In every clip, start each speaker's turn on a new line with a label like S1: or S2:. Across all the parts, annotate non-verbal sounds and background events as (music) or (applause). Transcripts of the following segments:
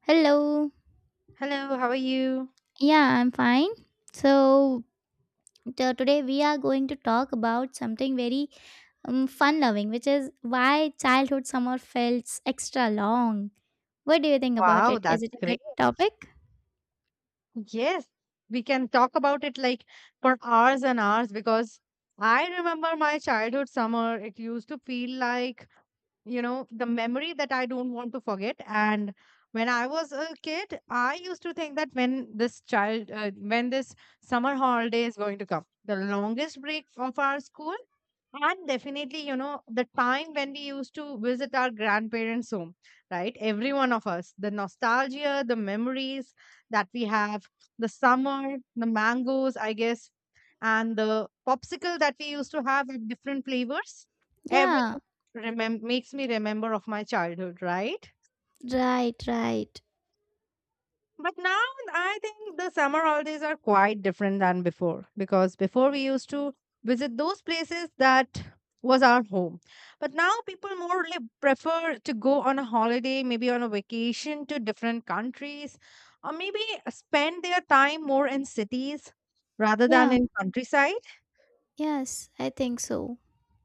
S1: Hello.
S2: Hello, how are you?
S1: Yeah, I'm fine. So, today we are going to talk about something very fun loving, which is why childhood summer felt extra long. What do you think about
S2: Wow,
S1: it? Is
S2: that's
S1: it a
S2: great.
S1: good topic?
S2: Yes, we can talk about it like for hours and hours because I remember my childhood summer. It used to feel like, the memory that I don't want to forget. And when I was a kid, I used to think that when this summer holiday is going to come, the longest break of our school. And definitely, the time when we used to visit our grandparents' home, right? Every one of us, the nostalgia, the memories that we have, the summer, the mangoes, I guess, and the popsicle that we used to have with different flavors.
S1: Yeah,
S2: Everything makes me remember of my childhood, right?
S1: right, right.
S2: But now I think the summer holidays are quite different than before because before we used to visit those places that was our home. But now people prefer to go on a holiday, maybe on a vacation to different countries, or maybe spend their time more in cities rather than
S1: Yeah.
S2: in countryside.
S1: Yes, I think so.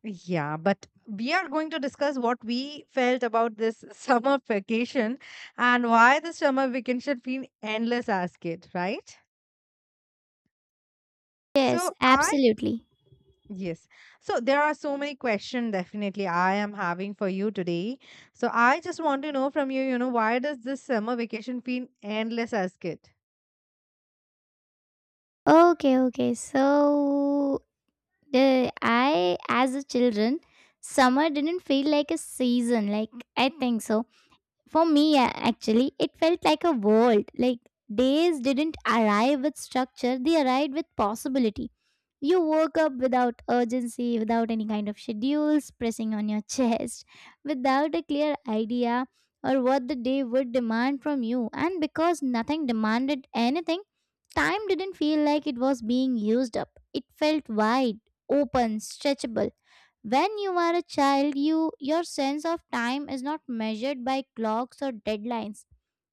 S2: Yeah, but we are going to discuss what we felt about this (laughs) summer vacation and why the summer vacation feel endless as kid, right?
S1: Yes,
S2: So I
S1: absolutely.
S2: yes. So there are so many questions definitely I am having for you today. So I just want to know from you, why does this summer vacation feel endless as kid?
S1: Okay, okay. So, the I as a children, summer didn't feel like a season. Like I think so. For me, actually, it felt like a world. Like days didn't arrive with structure, they arrived with possibility. You woke up without urgency, without any kind of schedules pressing on your (laughs) chest, without a clear idea or what the day would demand from you. And because nothing demanded anything, time didn't feel like it was being used up. It felt wide, open, stretchable. When you are a child, your sense of time is not measured by clocks or deadlines.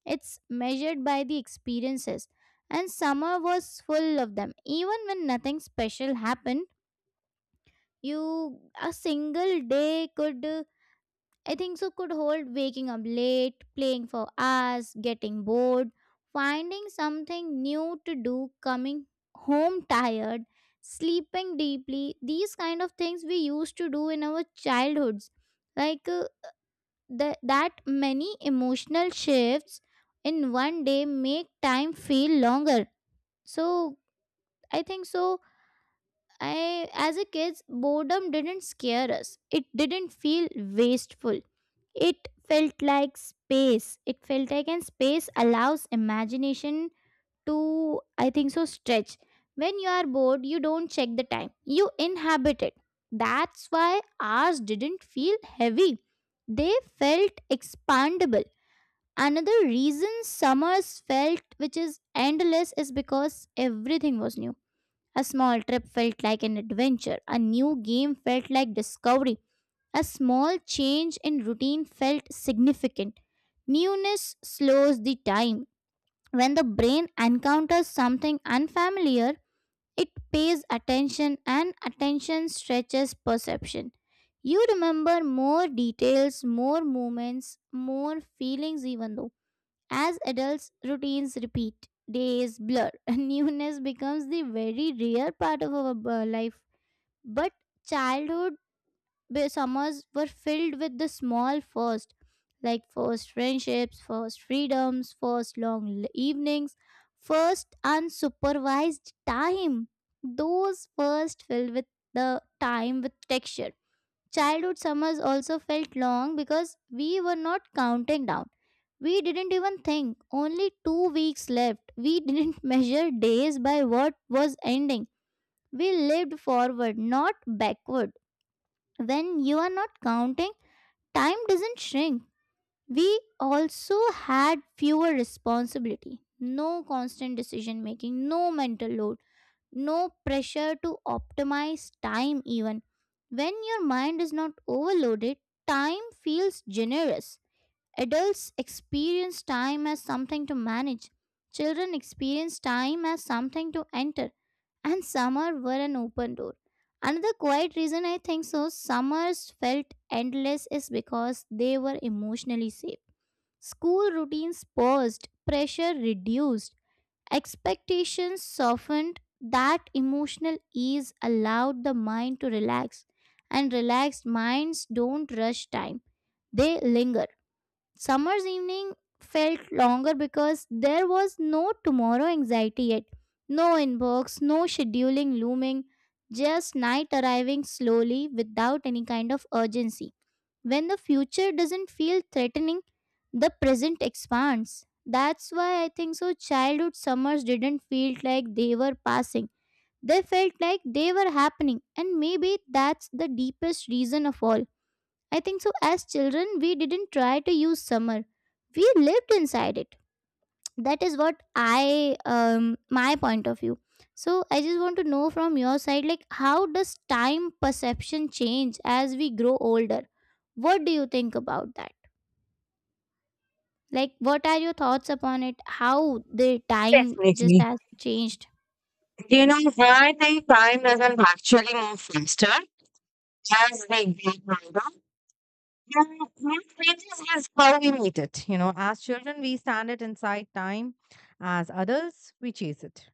S1: It's measured by the experiences. And summer was full of them. Even when nothing special happened, you a single day could I think so could hold waking up late, playing for hours, getting bored, finding something new to do, coming home tired, sleeping deeply. These kind of things we used to do in our childhoods. Like that many emotional shifts in one day make time feel longer. So I think so I, as a kids, boredom didn't scare us. It didn't feel wasteful. It felt like space. It felt like, and space allows imagination to, I think so, stretch. When you are bored, you don't check the time. You inhabit it. That's why ours didn't feel heavy. They felt expandable. Another reason summers felt which is endless is because everything was new. A small trip felt like an adventure. A new game felt like discovery. A small change in routine felt significant. Newness slows the time. When the brain encounters something unfamiliar, it pays attention, and attention stretches perception. You remember more details, more moments, more feelings, even though. As adults, routines repeat, days blur, (laughs) and newness becomes the very rare part of our life. But childhood summers were filled with the small first, like first friendships, first freedoms, first long evenings, first unsupervised time. Those first filled with the time with texture. Childhood summers also felt long because we were not counting down. We didn't even think only 2 weeks left. We didn't (laughs) measure days by what was ending. We lived forward, not backward. When you are not counting, time doesn't shrink. We also had fewer responsibility, no constant decision making, no mental load, no pressure to optimize time. Even when your mind is not overloaded, time feels generous. Adults experience time as something to manage, children experience time as something to enter. And summer were an open door. Another quiet reason I think so summers felt endless is because they were emotionally safe. School routines paused, pressure reduced, expectations softened. That emotional ease allowed the mind to relax, and relaxed minds don't rush time, they linger. Summer's evening felt longer because there was no tomorrow anxiety yet. No inbox, no scheduling looming, just night arriving slowly without any kind of urgency. When the future doesn't feel threatening, the present expands. That's why I think so childhood summers didn't feel like they were passing. They felt like they were happening, and maybe that's the deepest reason of all. I think so. As children, we didn't try to use summer. We lived inside it. That is what I, my point of view. So I just want to know from your side, like, how does time perception change as we grow older? What do you think about that? Like, what are your thoughts upon it? How the time just has changed?
S2: Why they probably move faster as they get older. And what changes is how we meet it. You know, as children we stand it inside time. As adults, we chase it.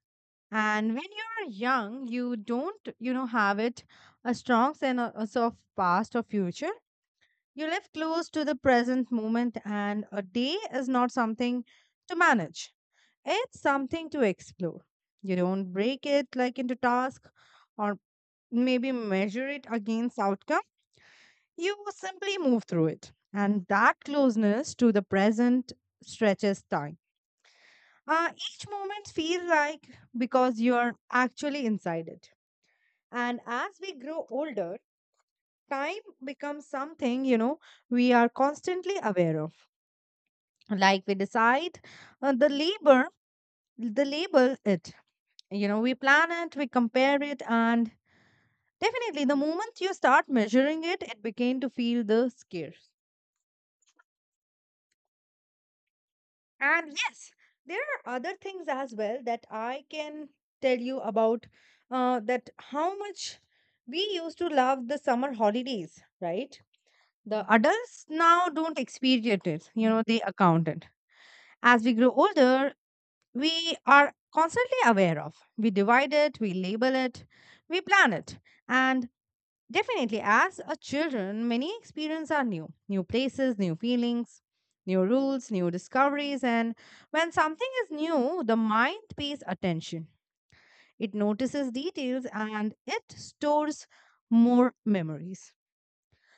S2: And when you're young, you don't, you know, have it a strong sense of past or future. You live close to the present moment, and a day is not something to manage. It's something to explore. You don't break it like into tasks or maybe measure it against outcome. You simply move through it. And that closeness to the present stretches time. Each moment feels like because you are actually inside it. And as we grow older, time becomes something, we are constantly aware of. Like we decide uh, the labor the label it, we plan it, we compare it. And definitely, the moment you start measuring it, it began to feel the scarce. And yes, there are other things as well that I can tell you about, that how much we used to love the summer holidays, right? The adults now don't experience it, you know, they account it. As we grow older, we are constantly aware of. We divide it, we label it, we plan it. And definitely, as a children, many experiences are new, new places, new feelings, new rules, new discoveries. And when something is new, the mind pays attention, it notices details and it stores more memories.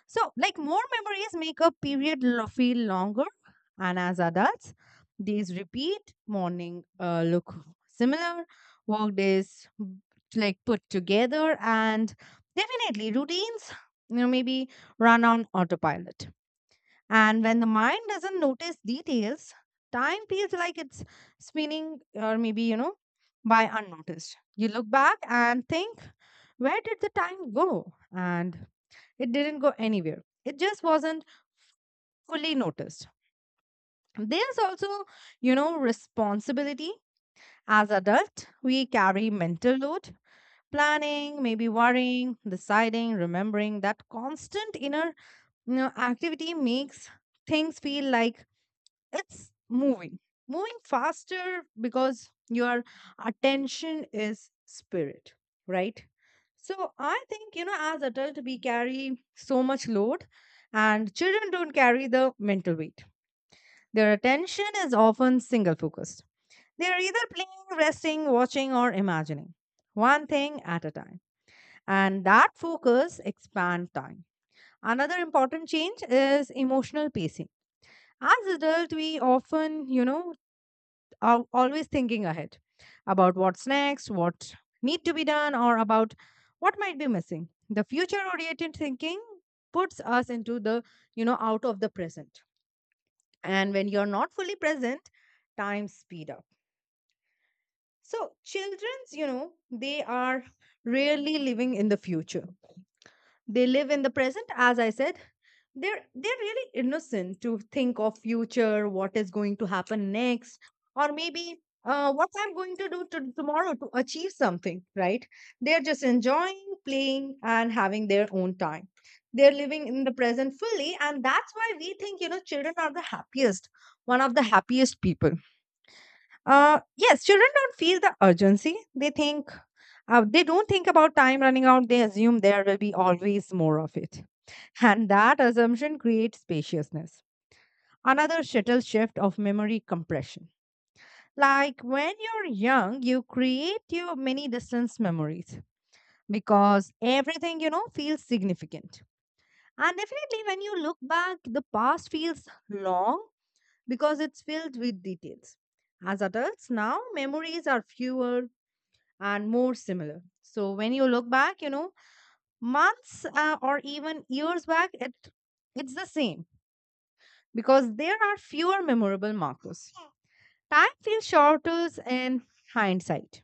S2: So, like more memories make a period feel longer. And as adults, days repeat, morning look similar, work days like put together, and definitely routines, maybe run on autopilot. And when the mind doesn't notice details, time feels like it's spinning, or maybe, by unnoticed. You look back and think, where did the time go? And it didn't go anywhere. It just wasn't fully noticed. There's also, responsibility. As adult, we carry mental load, planning, maybe worrying, deciding, remembering. That constant inner, activity makes things feel like it's moving faster because your attention is spirit, right? So I think, as adults, we carry so much load, and children don't carry the mental weight. Their attention is often single focused. They are either playing, resting, watching, or imagining one thing at a time. And that focus expands time. Another important change is emotional pacing. As adults, we often, always thinking ahead about what's next, what need to be done, or about what might be missing. The future-oriented thinking puts us into the, out of the present. And when you're not fully present, time speed up. So childrens, they are rarely living in the future. They live in the present, as I said. They're really innocent to think of future, what is going to happen next, or maybe what I'm going to do to, tomorrow, to achieve something, right? They're just enjoying playing and having their own time. They're living in the present fully, and that's why we think, you know, children are the happiest, one of the happiest people. Yes, children don't feel the urgency, they think, they don't think about time running out. They assume there will be always more of it, and that assumption creates spaciousness. Another subtle shift of memory compression. Like when you're young, you create your many distance memories because everything, feels significant. And definitely when you look back, the past feels long because it's filled with details. As adults, now memories are fewer and more similar. So when you look back, you know, months or even years back, it's the same because there are fewer memorable markers. Time feels shorter in hindsight.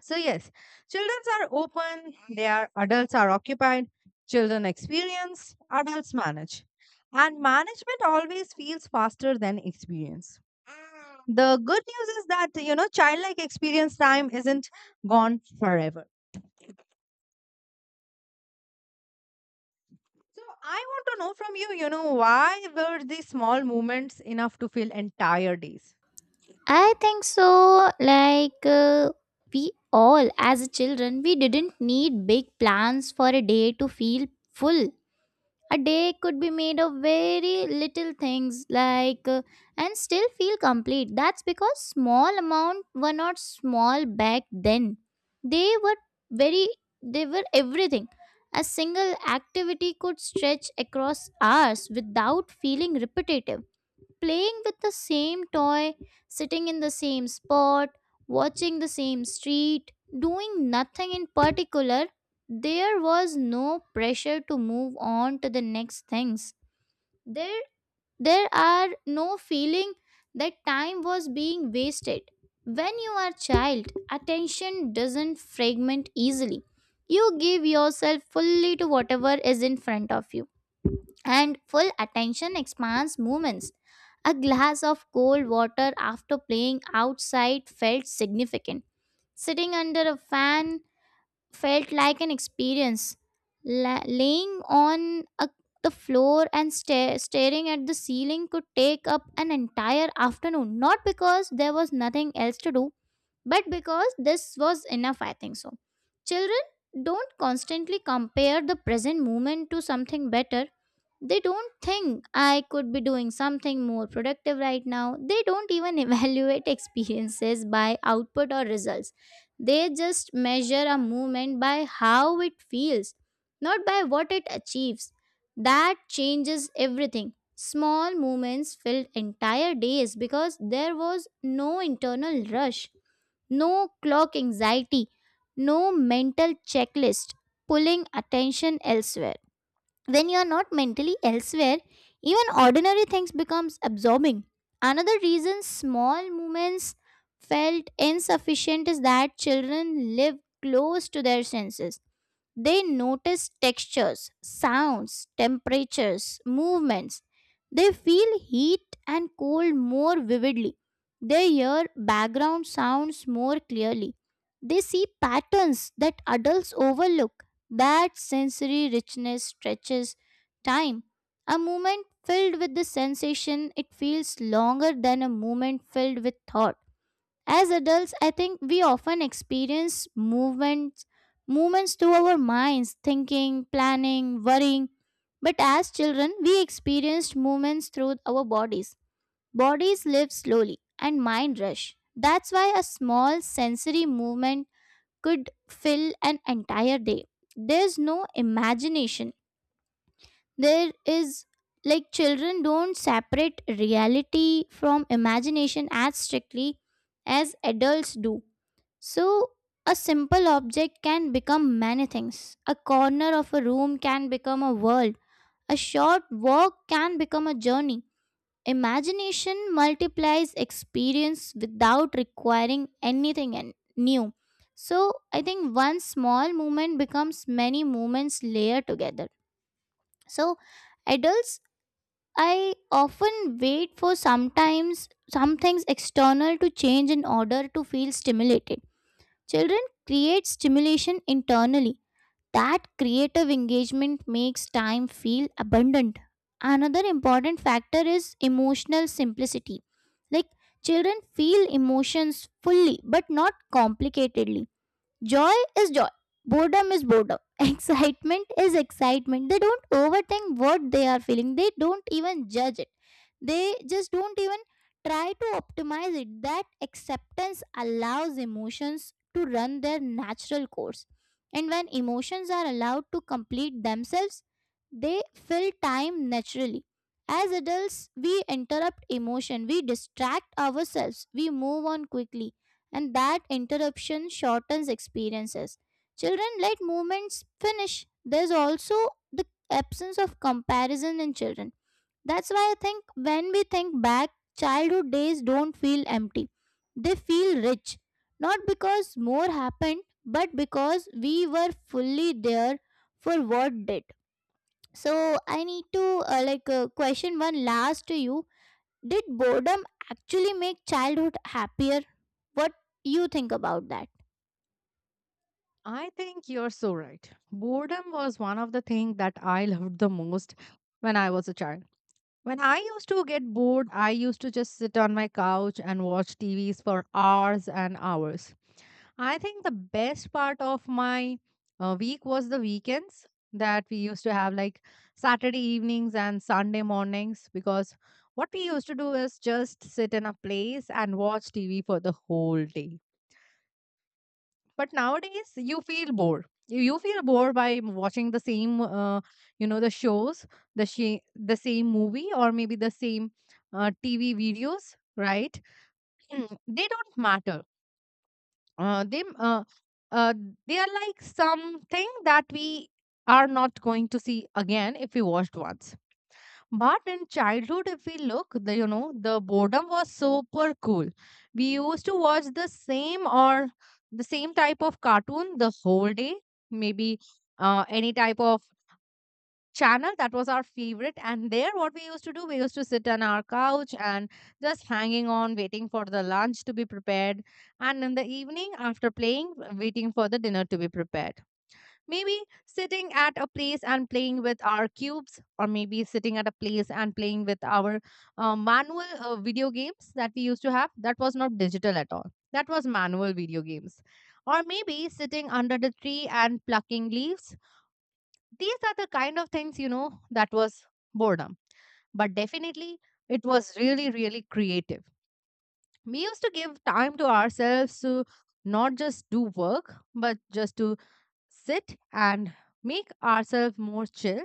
S2: So, yes, children are open, they are adults are occupied, children experience, adults manage. And management always feels faster than experience. The good news is that, childlike experience time isn't gone forever. So, I want to know from you, why were these small moments enough to fill entire days?
S1: I think so. Like, we all as children, we didn't need big plans for a day to feel full. A day could be made of very little things like and still feel complete. That's because small amount were not small back then. They were very everything. A single activity could stretch across hours without feeling repetitive, playing with the same toy, sitting in the same spot, watching the same street, doing nothing in particular. There was no pressure to move on to the next things. There, there are no feeling that time was being wasted. When you are child, attention doesn't fragment easily. You give yourself fully to whatever is in front of you, and full attention expands movements. A glass of cold water after playing outside felt significant. Sitting under a fan felt like an experience. Laying on the floor and staring at the ceiling could take up an entire afternoon, not because there was nothing else to do, but because this was enough, I think so. Children don't constantly compare the present moment to something better. They don't think I could be doing something more productive right now. They don't even (laughs) evaluate experiences by output or results. They just measure a movement by how it feels, not by what it achieves. That changes everything. Small movements filled entire days because there was no internal rush, no clock anxiety, no mental checklist pulling attention elsewhere. When you are not mentally elsewhere, even ordinary things becomes absorbing. Another reason small movements felt insufficient is that children live close to their senses. They notice textures, sounds, temperatures, movements. They feel heat and cold more vividly. They hear background sounds more clearly. They see patterns that adults overlook. That sensory richness stretches time. A moment filled with the sensation, it feels longer than a moment filled with thought. As adults, I think we often experience movements through our minds, thinking, planning, worrying. But as children, we experienced movements through our bodies. Bodies live slowly and mind rush. That's why a small sensory movement could fill an entire day. There's no imagination. There is, like, children don't separate reality from imagination as strictly as adults do. So, a simple object can become many things. A corner of a room can become a world. A short walk can become a journey. Imagination multiplies experience without requiring anything new. So, I think one small movement becomes many movements layered together. So, adults, I often wait for sometimes some things external to change in order to feel stimulated. Children create stimulation internally. That creative engagement makes time feel abundant. Another important factor is emotional simplicity. Like children feel emotions fully but not complicatedly. Joy is joy, boredom is boredom, (laughs) excitement is excitement. They don't overthink what they are feeling, they don't even judge it, they just don't even try to optimize it. That acceptance allows emotions to run their natural course. And when emotions are allowed to complete themselves, they fill time naturally. As adults, we interrupt emotion, we distract ourselves, we move on quickly, and that interruption shortens experiences. Children let movements finish. There's also the absence of comparison in children. That's why I think when we think back, childhood days don't feel empty. They feel rich. Not because more happened, but because we were fully there for what did. So I need to question one last to you. Did boredom actually make childhood happier? What you think about that?
S2: I think you're so right. Boredom was one of the things that I (laughs) loved the most when I was a child. When I used to get bored, I used to just sit on my couch and watch TVs for hours and hours. I think the best part of my week was the weekends that we used to have, like Saturday evenings and Sunday mornings, because what we used to do is just sit in a place and watch TV for the whole day. But nowadays, you feel bored. You feel bored by watching the same the shows, the same movie, or maybe the same TV videos, right? They don't matter, uh, they uh, uh, they are like something that we are not going to see again if we watched once. But in childhood, if we look, the, you know, the boredom was super cool. We used to watch the same, or the same type of cartoon the whole day, maybe any type of channel that was our favorite. And there, what we used to do, we used to sit on our couch and just hanging on, waiting for the lunch to be prepared. And in the evening, after playing, waiting for the dinner to be prepared. Maybe sitting at a place and playing with our cubes, or maybe sitting at a place and playing with our manual video games that we used to have, that was not digital at all, that was manual video games. Or maybe sitting under the tree and plucking leaves. These are the kind of things, you know, that was boredom. But definitely, it was really, really creative. We used to give time to ourselves to not just do work, but just to sit and make ourselves more chill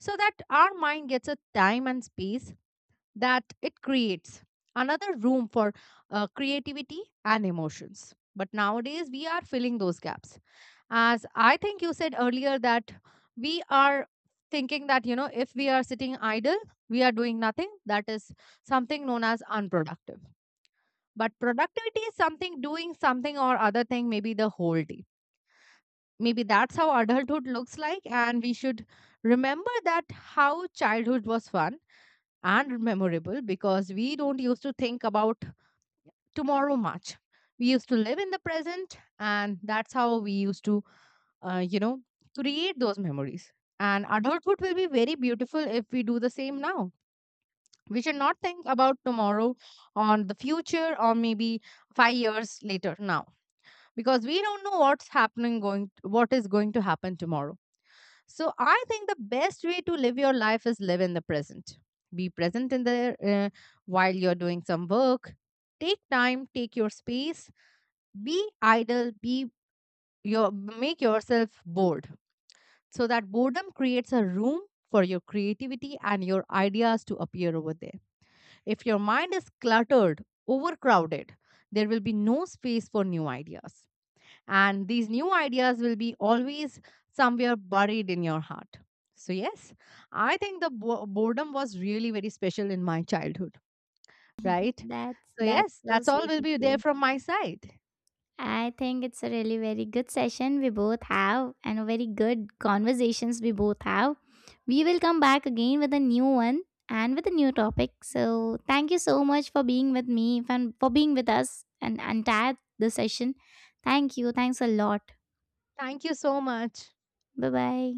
S2: so that our mind gets a time and space, that it creates another room for creativity and emotions. But nowadays, we are filling those gaps, as I think you said earlier, that we are thinking that, you know, if we are sitting idle, we are doing nothing. That is something known as unproductive. But productivity is something doing something or other thing, maybe the whole day. Maybe that's how adulthood looks like. And we should remember that how childhood was fun and memorable, because we don't used to think about tomorrow much. We used to live in the present, and that's how we used to, uh, you know, create those memories. And adulthood will be very beautiful if we do the same now. We should not think about tomorrow, or the future, or maybe 5 years later now, because we don't know what's happening going what is going to happen tomorrow. So I think the best way to live your life is live in the present. Be present in there, while you're doing some work. Take time, take your space. Be idle. Be your Make yourself bored, so that boredom creates a room for your creativity and your ideas to appear over there. If your mind is cluttered, overcrowded, there will be no space for new ideas. And these new ideas will be always somewhere buried in your heart. So, yes, I think the boredom was really very special in my childhood, right?
S1: (laughs) that's
S2: So,
S1: that's
S2: yes,
S1: so
S2: that's all
S1: sweet
S2: will
S1: of
S2: be there
S1: you.
S2: from my side.
S1: I think it's a really very good session we both have and a very good conversations we both have. We will come back again with a new one and with a new topic. So thank you so much for being with me and for being with us and entire the session. Thank you. Thanks a lot.
S2: Thank you so much.
S1: Bye bye.